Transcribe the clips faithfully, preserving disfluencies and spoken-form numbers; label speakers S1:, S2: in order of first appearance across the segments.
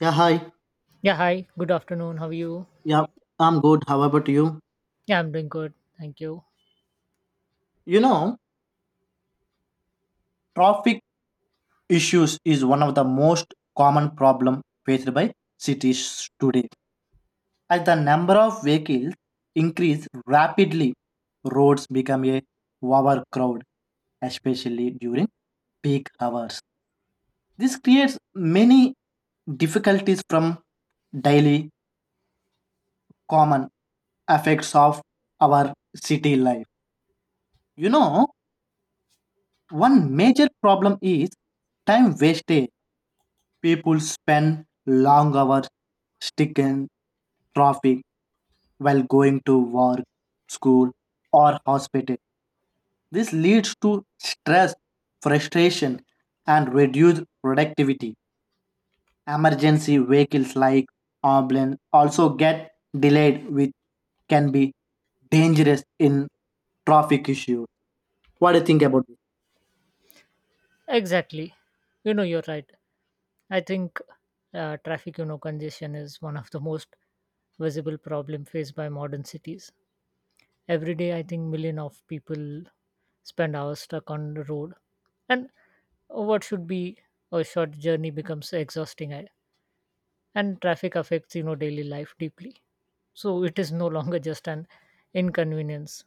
S1: Yeah, hi.
S2: Yeah, hi. Good afternoon. How are you?
S1: Yeah, I'm good. How about you?
S2: Yeah, I'm doing good. Thank you.
S1: You know, traffic issues is one of the most common problem faced by cities today. As the number of vehicles increase rapidly, roads become a overcrowd, especially during peak hours. This creates many difficulties from daily common effects of our city life. You know, one major problem is time wastage. People spend long hours stuck in traffic while going to work, school, or hospital. This leads to stress, frustration, and reduced productivity. Emergency vehicles like ambulance also get delayed, which can be dangerous in traffic issues. What do you think about this?
S2: Exactly. You know, you're right. I think uh, traffic, you know, congestion is one of the most visible problem faced by modern cities. Every day, I think million of people spend hours stuck on the road, and what should be a short journey becomes exhausting. I- And traffic affects you know daily life deeply. So it is no longer just an inconvenience.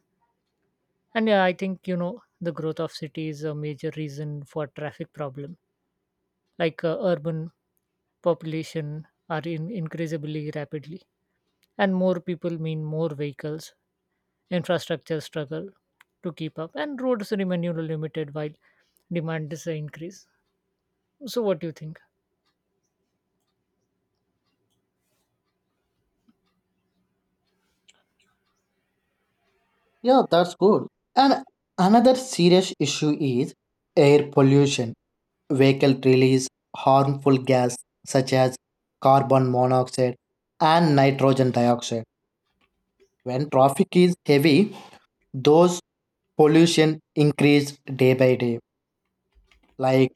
S2: And yeah, I think you know the growth of city is a major reason for traffic problem like uh, urban population are in increasingly rapidly, and more people mean more vehicles, infrastructure struggle to keep up, and roads remain you know, limited while demand is a increase. So what do you think?
S1: Yeah, that's good. And another serious issue is air pollution. Vehicle release harmful gas such as carbon monoxide and nitrogen dioxide. When traffic is heavy, those pollution increase day by day, like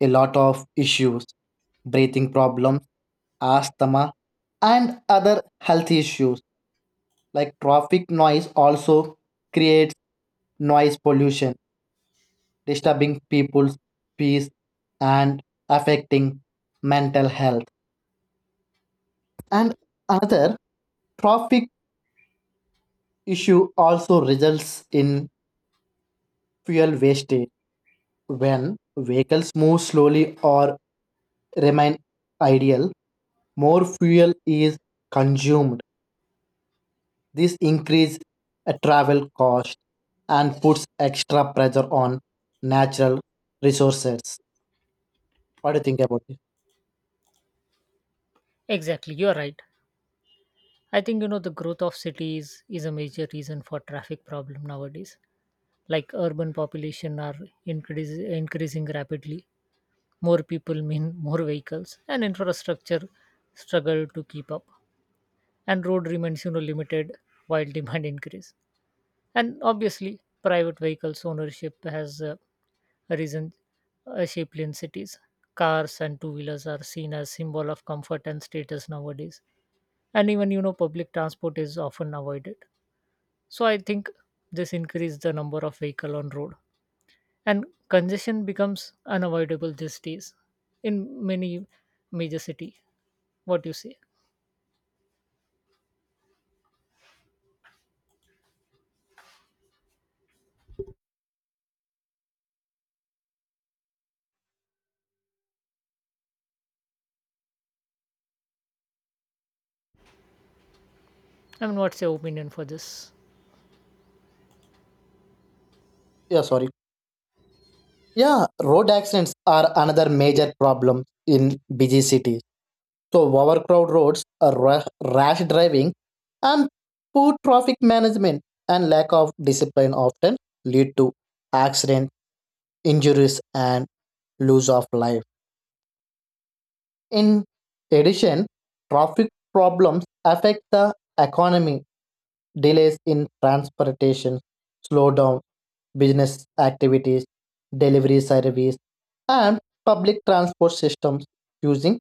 S1: a lot of issues, breathing problems, asthma, and other health issues. Like traffic noise also creates noise pollution, disturbing people's peace and affecting mental health. And another traffic issue also results in fuel wastage. When vehicles move slowly or remain idle, more fuel is consumed. This increases travel cost and puts extra pressure on natural resources. What do you think about it?
S2: Exactly, you're right. I think you know the growth of cities is a major reason for traffic problem nowadays. Like urban population are increase, increasing rapidly. More people mean more vehicles, and infrastructure struggle to keep up, and road remains you know limited while demand increase. And obviously, private vehicles ownership has uh, risen uh, shapely in cities. Cars and two-wheelers are seen as symbol of comfort and status nowadays, and even you know public transport is often avoided. So I think this increased the number of vehicle on road, and congestion becomes unavoidable these days in many major city. What do you say? I mean, what's your opinion for this?
S1: Yeah, sorry. Yeah, road accidents are another major problem in busy cities. So overcrowded roads, a ra- rash driving, and poor traffic management and lack of discipline often lead to accident, injuries, and loss of life. In addition, traffic problems affect the economy, delays in transportation, slow down business activities, delivery service, and public transport systems using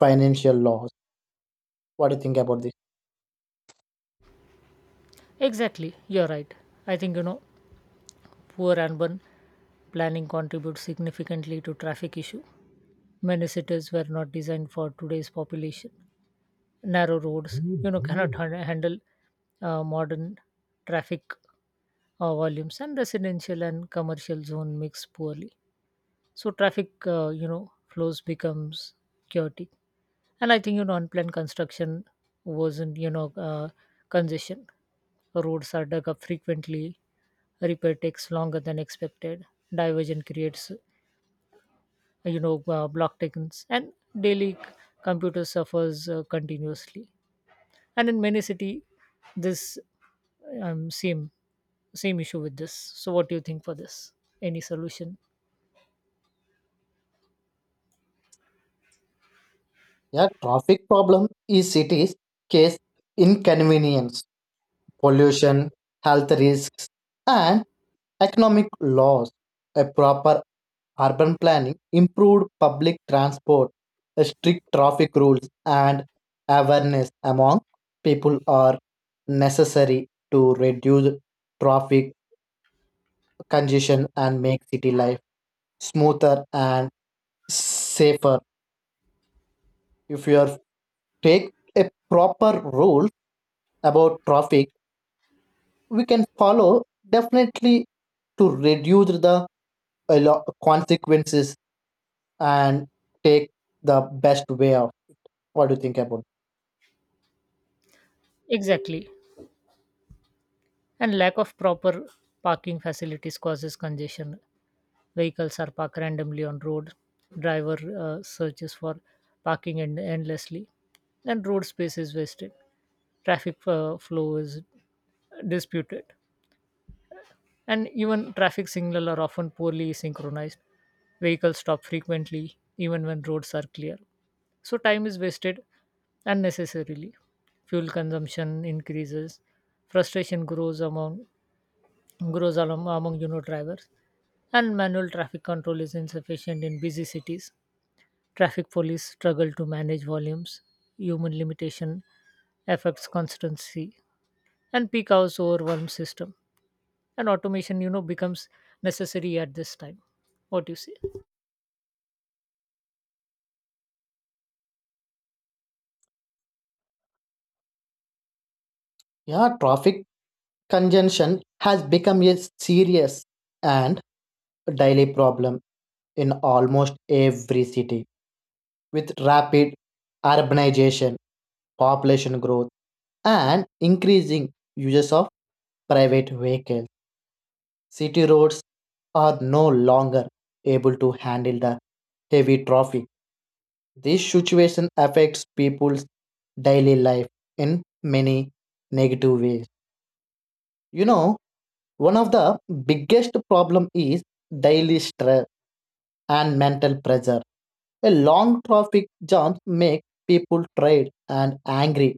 S1: financial laws. What do you think about this?
S2: Exactly, you're right. I think you know poor urban planning contributes significantly to traffic issue. Many cities were not designed for today's population. Narrow roads you know cannot han- handle uh, modern traffic uh, volumes, and residential and commercial zone mix poorly. So traffic, uh, you know flows becomes chaotic. And I think you know unplanned construction wasn't you know uh, congestion. Roads are dug up frequently, repair takes longer than expected, diversion creates you know uh, block takings, and daily c- computer suffers uh, continuously. And in many city, this um, same same issue with this. So what do you think for this? Any solution?
S1: Yeah, traffic problem is cities case inconvenience, pollution, health risks, and economic loss. A proper urban planning, improved public transport, a strict traffic rules, and awareness among people are necessary to reduce traffic congestion and make city life smoother and safer. If you are take a proper rule about traffic, we can follow definitely to reduce the a lot consequences and take the best way out. What do you think about?
S2: Exactly. And lack of proper parking facilities causes congestion. Vehicles are parked randomly on road, driver uh, searches for parking end- endlessly, and road space is wasted. Traffic uh, flow is disputed, and even traffic signal are often poorly synchronized. Vehicles stop frequently even when roads are clear, so time is wasted unnecessarily, fuel consumption increases, frustration grows among grows along among you know drivers. And manual traffic control is insufficient in busy cities, traffic police struggle to manage volumes, human limitation affects constancy, and peak hours overwhelm system. And automation you know becomes necessary at this time. What do you say?
S1: Yeah, traffic congestion has become a serious and daily problem in almost every city with rapid urbanization, population growth, and increasing uses of private vehicles. City roads are no longer able to handle the heavy traffic. This situation affects people's daily life in many negative ways. You know, one of the biggest problem is daily stress and mental pressure. A long traffic jam make people tired and angry,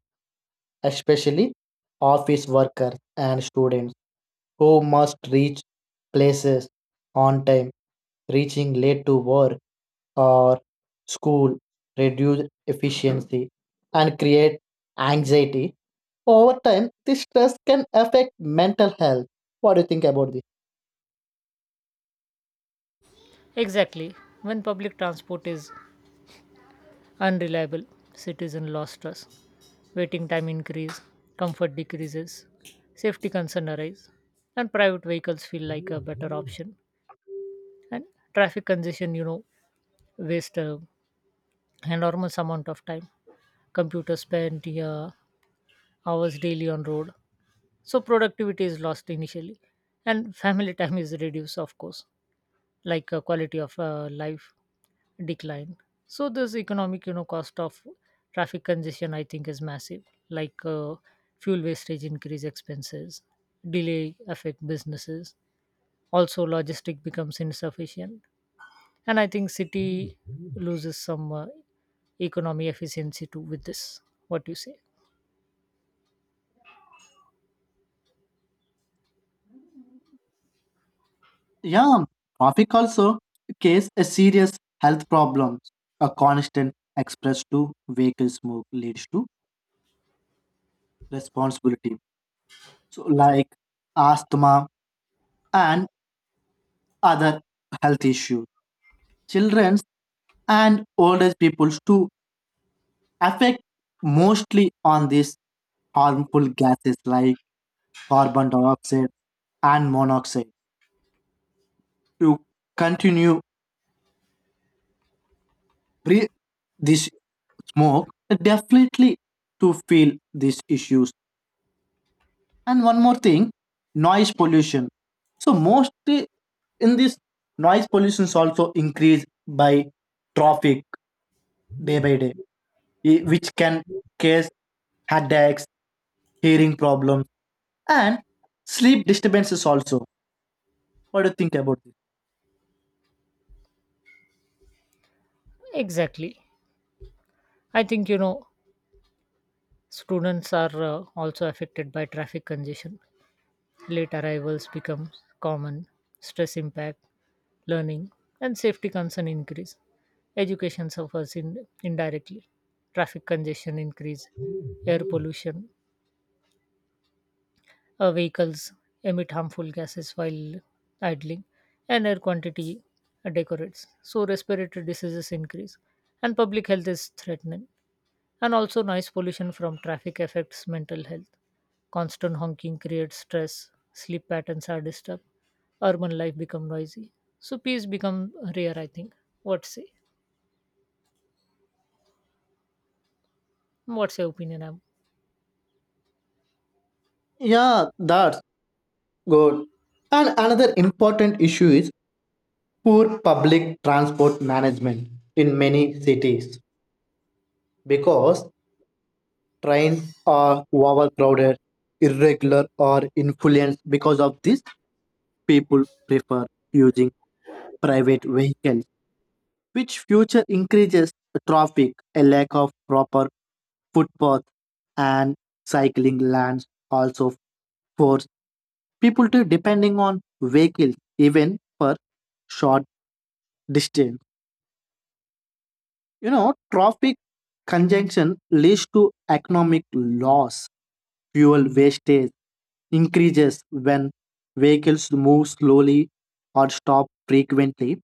S1: especially office workers and students who must reach places on time, reaching late to work or school reduce efficiency and create anxiety. Over time, this stress can affect mental health. What do you think about this?
S2: Exactly. When public transport is unreliable, citizen lost trust, waiting time increase, comfort decreases, safety concern arise, and private vehicles feel like a better option. And traffic congestion, you know waste uh, enormous amount of time. Computers spend uh, hours daily on road, so productivity is lost initially, and family time is reduced, of course. Like, uh, quality of uh, life decline. So this economic, you know cost of traffic congestion, I think, is massive. Like, uh, fuel wastage increase expenses, delay affect businesses, also logistic becomes insufficient. And I think city loses some uh, economy efficiency too with this. What do you say?
S1: Yeah, traffic also case a serious health problem. A constant express to vehicle smoke leads to responsibility. So like asthma and other health issues. Children's and old age peoples to affect mostly on this harmful gases like carbon dioxide and monoxide. You continue breathe this smoke, definitely to feel these issues. And one more thing, noise pollution. So mostly in this noise pollution is also increased by traffic day by day, i- which can cause headaches, hearing problems, and sleep disturbances also. What do you think about this?
S2: Exactly. I think you know students are uh, also affected by traffic congestion. Late arrivals become common, stress impact learning, and safety concern increase. Education suffers in, indirectly. Traffic congestion increase air pollution. Uh, vehicles emit harmful gases while idling, and air quantity decorates, so respiratory diseases increase and public health is threatened. And also, noise pollution from traffic affects mental health. Constant honking creates stress, sleep patterns are disturbed, urban life become noisy. So peace become rare, I think. What say? What's your opinion? Am?
S1: Yeah, that. Good. And another important issue is poor public transport management in many cities because trains are overcrowded, irregular, or influenced. Because of this, people prefer using private vehicles, which future increases traffic, a lack of proper footpath, and cycling lanes also force people to depending on vehicles even for short distance. You know, traffic congestion leads to economic loss, fuel wastage increases when vehicles move slowly or stop frequently.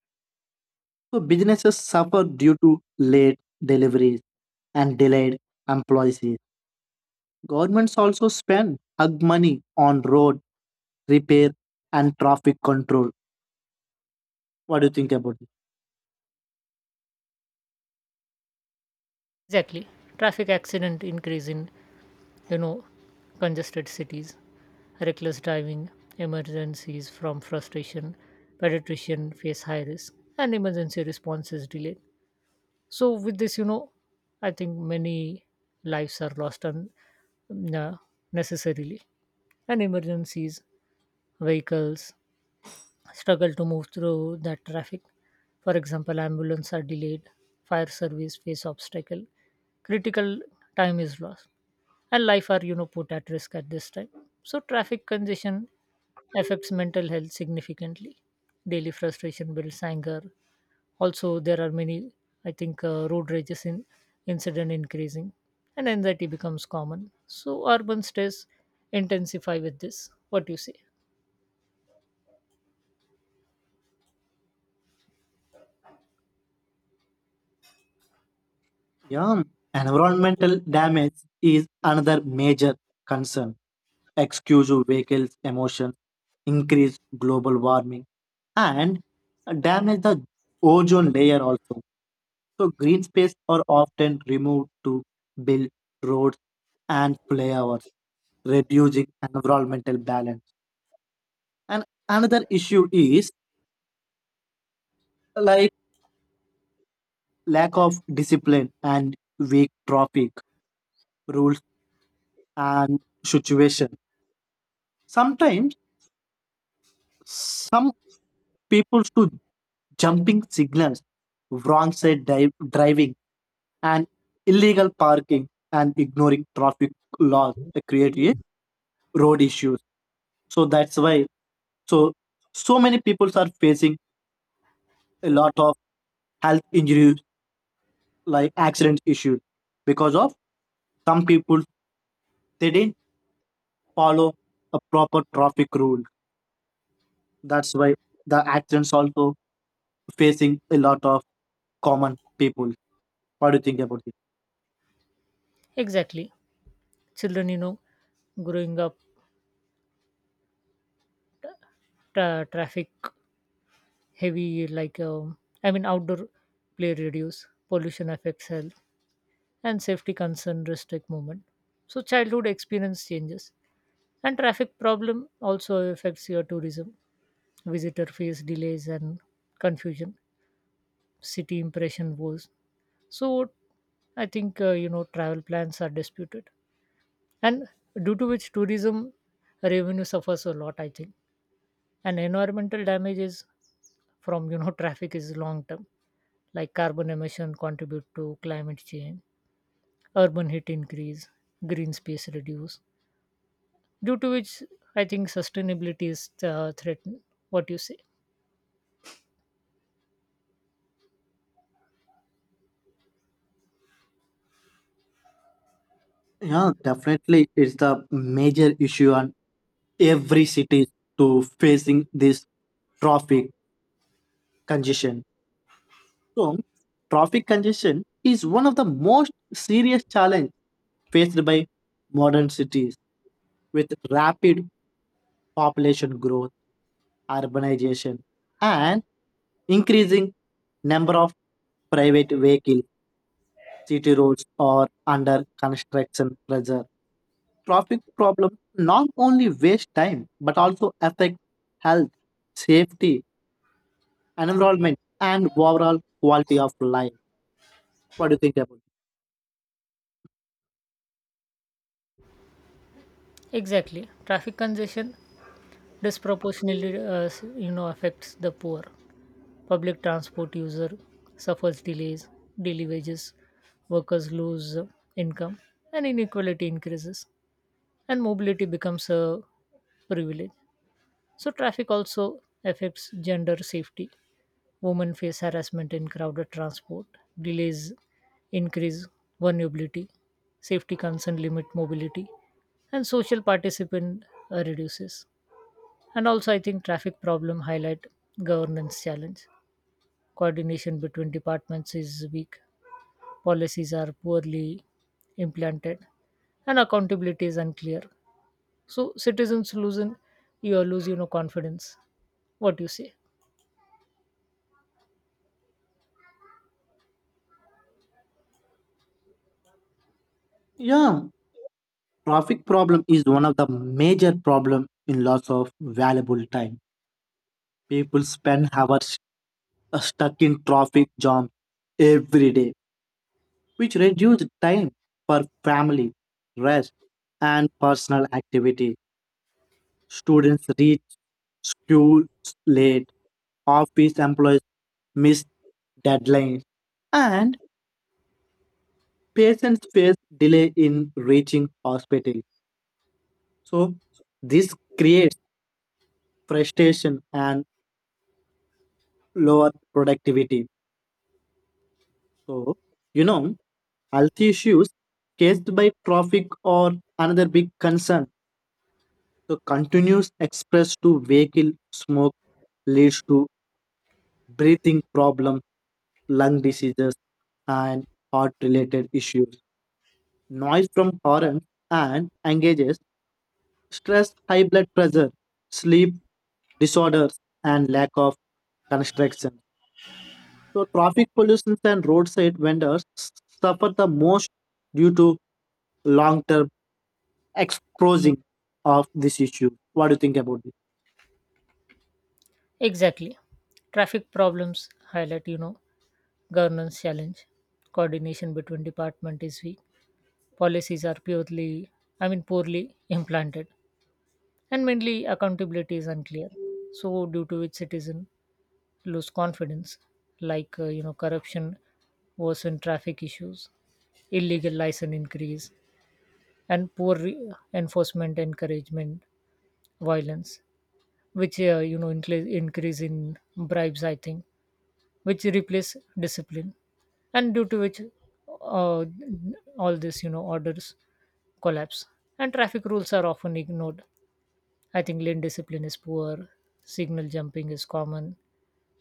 S1: So businesses suffer due to late deliveries and delayed employees. Governments also spend hug money on road repair and traffic control. What do you think about?
S2: Exactly. Traffic accident increase in, you know, congested cities, reckless driving, emergencies from frustration, pediatrician face high risk, and emergency response is delayed. So with this, you know I think many lives are lost unnecessarily, and emergencies vehicles struggle to move through that traffic. For example, ambulance are delayed, fire service face obstacle, critical time is lost, and life are you know put at risk at this time. So traffic congestion affects mental health significantly, daily frustration builds anger. Also, there are many, I think, uh, road rages in incident increasing, and anxiety becomes common. So urban stress intensify with this. What do you say?
S1: Yeah, environmental damage is another major concern. Excuse vehicles' emissions, increase global warming, and damage the ozone layer also. So green space are often removed to build roads and flyovers, reducing environmental balance. And another issue is like lack of discipline and weak traffic rules and situation. Sometimes some people to jumping signals, wrong side di- driving, and illegal parking and ignoring traffic laws that create a road issues. So that's why so so many people are facing a lot of health injuries like accident issues because of some people they didn't follow a proper traffic rule. That's why the accidents also facing a lot of common people. What do you think about it?
S2: Exactly, children, you know, growing up, tra- traffic heavy, like um, I mean, outdoor play reduce, pollution affects health, and safety concern restrict movement. So childhood experience changes, and traffic problem also affects your tourism. Visitor face delays and confusion, city impression was. So I think uh, you know travel plans are disputed, and due to which tourism revenue suffers a lot, I think. And environmental damage is from you know traffic is long term, like carbon emission contribute to climate change, urban heat increase, green space reduce. Due to which I think sustainability is uh, threatened. What you say?
S1: Yeah, definitely, it's the major issue on every city to facing this traffic congestion. So, traffic congestion is one of the most serious challenge faced by modern cities with rapid population growth, urbanization, and increasing number of private vehicles. City roads are under construction pressure. Traffic problems not only waste time but also affect health, safety, environment, and overall quality of life. What do you think about it?
S2: Exactly, traffic congestion disproportionately, uh, you know affects the poor. Public transport user suffers delays, daily wages, workers lose uh, income, and inequality increases, and mobility becomes a privilege. So traffic also affects gender safety. Women face harassment in crowded transport, delays increase vulnerability, safety concern limit mobility, and social participant uh, reduces. And also, I think traffic problem highlight governance challenge, coordination between departments is weak, policies are poorly implemented, and accountability is unclear. So citizens lose in, you lose you know confidence. What do you say?
S1: Yeah, traffic problem is one of the major problem in loss of valuable time. People spend hours uh, stuck in traffic jam every day, which reduce time for family, rest, and personal activity. Students reach school late, office employees miss deadlines, and patients face delay in reaching hospital. So, this creates frustration and lower productivity. So, you know, health issues caused by traffic or another big concern. So, continuous express to vehicle smoke leads to breathing problems, lung diseases, and heart related issues. Noise from horns and engages stress, high blood pressure, sleep disorders, and lack of construction. So, traffic pollution and roadside vendors suffer the most due to long term exposing of this issue. What do you think about this?
S2: Exactly. Traffic problems highlight you know governance challenge. Coordination between department is weak. Policies are purely, I mean, poorly implanted, and mainly accountability is unclear. So due to which citizen lose confidence, like, uh, you know corruption, worsen traffic issues, illegal license increase, and poor re- enforcement encouragement violence, which uh, you know increase increase in bribes, I think, which replace discipline. And due to which uh, all this, you know orders collapse and traffic rules are often ignored. I think lane discipline is poor, signal jumping is common,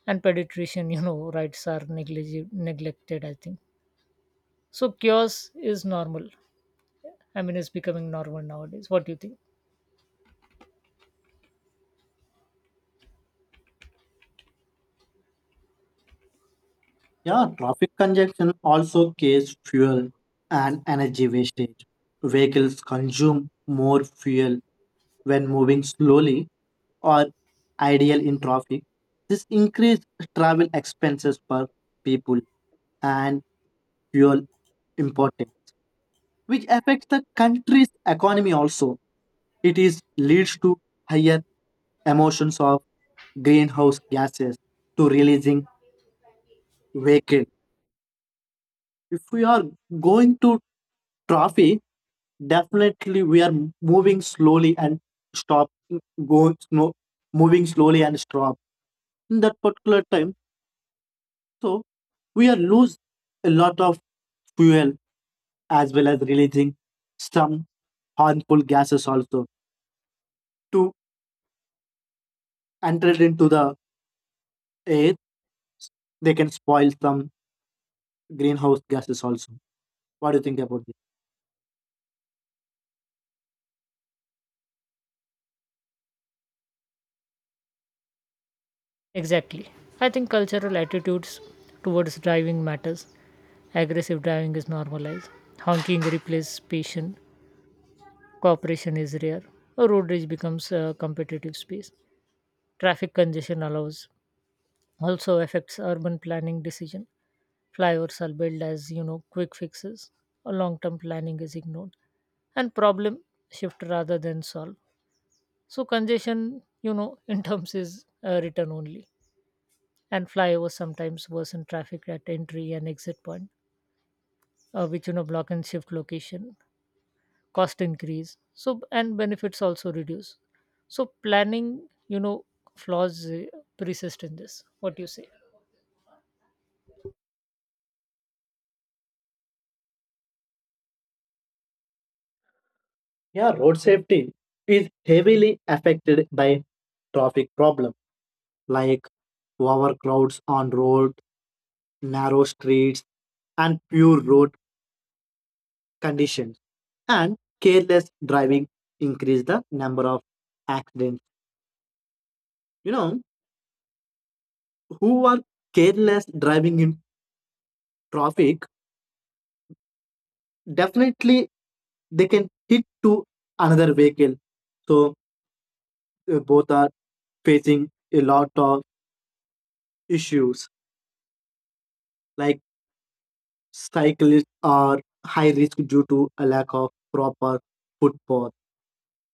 S2: and pediatrician you know rights are neglig- neglected, I think. So chaos is normal. I mean, it's becoming normal nowadays. What do you think?
S1: Yeah, traffic congestion also causes fuel and energy wastage. Vehicles consume more fuel when moving slowly or ideal in traffic. This increased travel expenses for people and fuel importing, which affects the country's economy also. It is leads to higher emissions of greenhouse gases to releasing vehicle. If we are going to traffic, definitely we are moving slowly and stop go no moving slowly and stop in that particular time. So we are lose a lot of fuel as well as releasing some harmful gases also to enter into the air. They can spoil some greenhouse gases also. What do you think about this?
S2: Exactly. I think cultural attitudes towards driving matters. Aggressive driving is normalized, honking replaces patience, cooperation is rare, a road rage becomes a competitive space. Traffic congestion allows also affects urban planning decision. Flyovers are built as you know quick fixes, or long-term planning is ignored, and problem shift rather than solve. So congestion, you know, in terms is uh, return only, and flyovers sometimes worsen traffic at entry and exit point, uh, which you know block and shift location, cost increase. So and benefits also reduce. So planning, you know, flaws uh, persist in this. What do you say?
S1: Yeah, road safety is heavily affected by traffic problem, like overcrowds on road, narrow streets, and pure road conditions and careless driving increase the number of accidents. You know, who are careless driving in traffic, definitely they can hit to another vehicle. So uh, both are facing a lot of issues, like cyclists are high risk due to a lack of proper footpath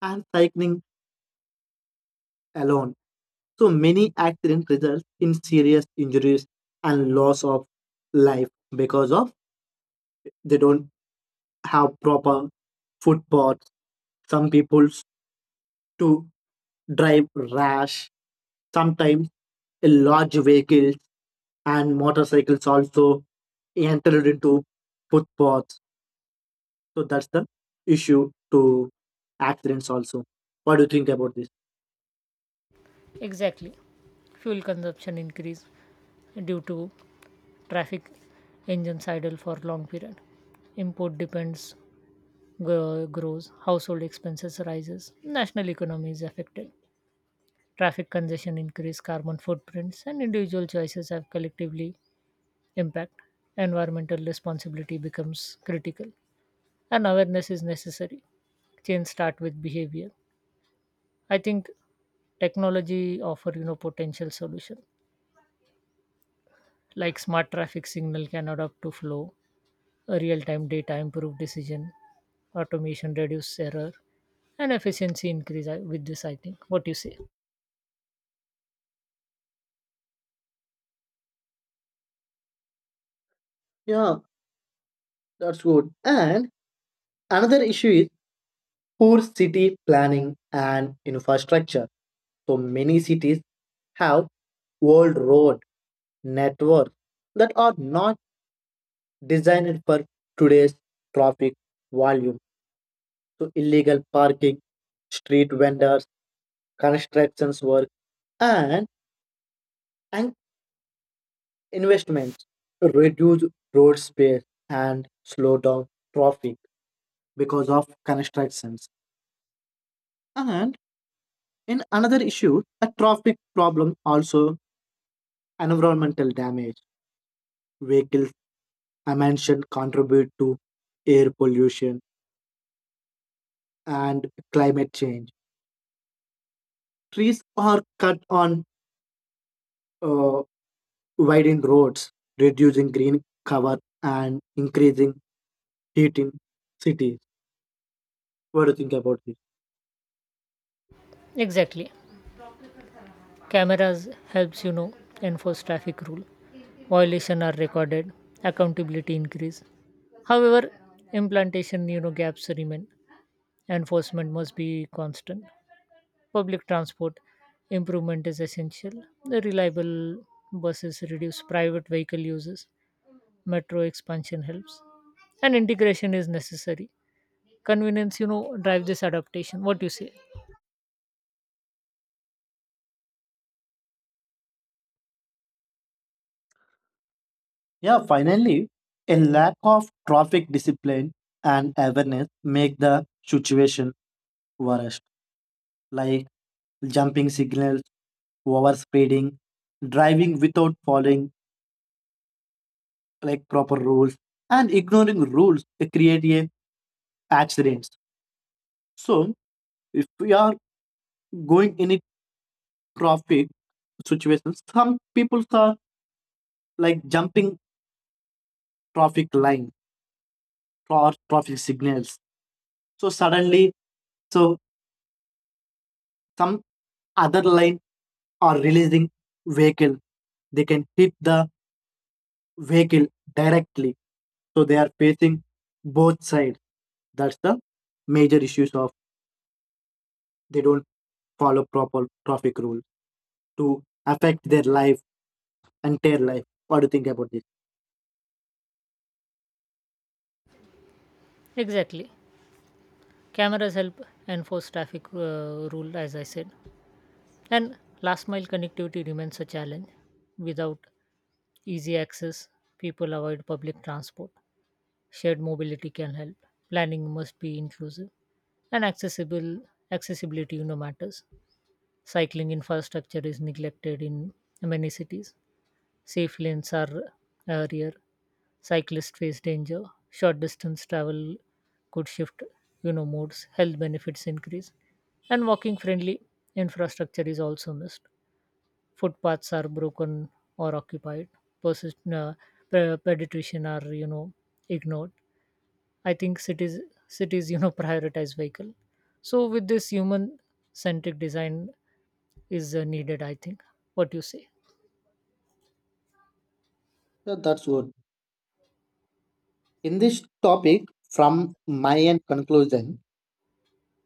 S1: and cycling alone. So many accidents result in serious injuries and loss of life because of they don't have proper footpaths. Some people to drive rash. Sometimes large vehicles and motorcycles also entered into footpaths. So that's the issue to accidents also. What do you think about this?
S2: Exactly, fuel consumption increase due to traffic, engines idle for long period, import depends, gro- grows household expenses rises, national economy is affected. Traffic congestion increase carbon footprints, and individual choices have collectively impact, environmental responsibility becomes critical, and awareness is necessary. Change start with behavior, I think. Technology offer, you know potential solution, like smart traffic signal can adapt to flow, real time data improve decision, automation reduce error, and efficiency increase I- with this, I think. What do you say?
S1: Yeah, that's good. And another issue is poor city planning and infrastructure. So many cities have old road networks that are not designed for today's traffic volume. So illegal parking, street vendors, constructions work, and, and investments reduce road space and slow down traffic because of constructions. And in another issue, a traffic problem also environmental damage vehicles I mentioned contribute to air pollution and climate change. Trees are cut on uh, widened roads, reducing green cover and increasing heat in cities. What do you think about this?
S2: Exactly, cameras helps, you know enforce traffic rule, violation are recorded, accountability increase. However, implantation, you know gaps remain, enforcement must be constant. Public transport improvement is essential, the reliable buses reduce private vehicle uses, metro expansion helps, and integration is necessary. Convenience, you know, drive this adaptation. What do you say?
S1: Yeah, finally, a lack of traffic discipline and awareness make the situation worse, like jumping signals, overspeeding, driving without following like proper rules and ignoring rules they create a accidents. So if we are going in a traffic situation, some people are like jumping traffic line or traffic signals so suddenly, so some other line are releasing vehicle, they can hit the vehicle directly, so they are facing both sides. That's the major issues of they don't follow proper traffic rules to affect their life, entire life. What do you think about this?
S2: Exactly. Cameras help enforce traffic uh, rule, as I said. And last mile connectivity remains a challenge. Without easy access, people avoid public transport. Shared mobility can help. Planning must be inclusive and accessible. Accessibility, you know, matters. Cycling infrastructure is neglected in many cities. Safe lanes are uh, rare. Cyclists face danger, short distance travel could shift, you know, modes, health benefits increase, and walking friendly infrastructure is also missed. Footpaths are broken or occupied, persist, uh, pe- pedestrian are, you know, ignored. I think cities, cities, you know, prioritize vehicle. So with this human centric design is uh, needed, I think. What do you say?
S1: Yeah, that's good. In this topic, from my end conclusion,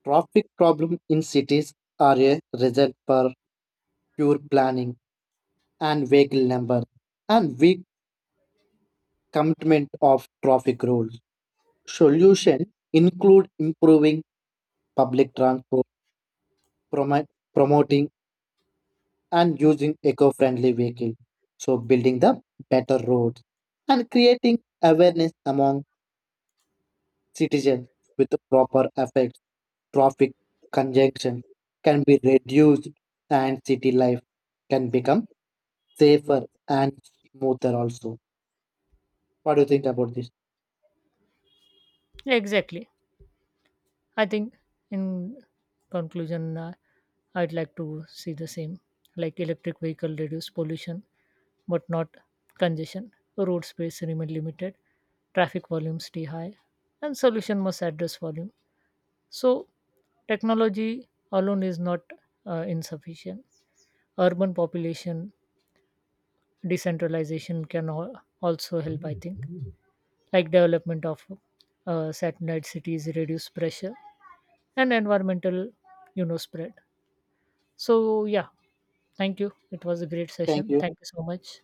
S1: traffic problem in cities are a result for poor planning and vehicle number and weak commitment of traffic rules. Solution include improving public transport, promo- promoting and using eco-friendly vehicle, so building the better roads and creating awareness among citizens with the proper effects, traffic congestion can be reduced and city life can become safer and smoother also. What do you think about this?
S2: Exactly. I think, in conclusion, uh, I'd like to see the same, like electric vehicle reduce pollution but not congestion, road space remain limited, traffic volume stay high, and solution must address volume. So, technology alone is not uh, insufficient. Urban population decentralization can al- also help, I think, like development of uh, satellite cities reduce pressure and environmental, you know spread. So yeah, thank you. It was a great
S1: Thank
S2: session.
S1: you.
S2: Thank you so much.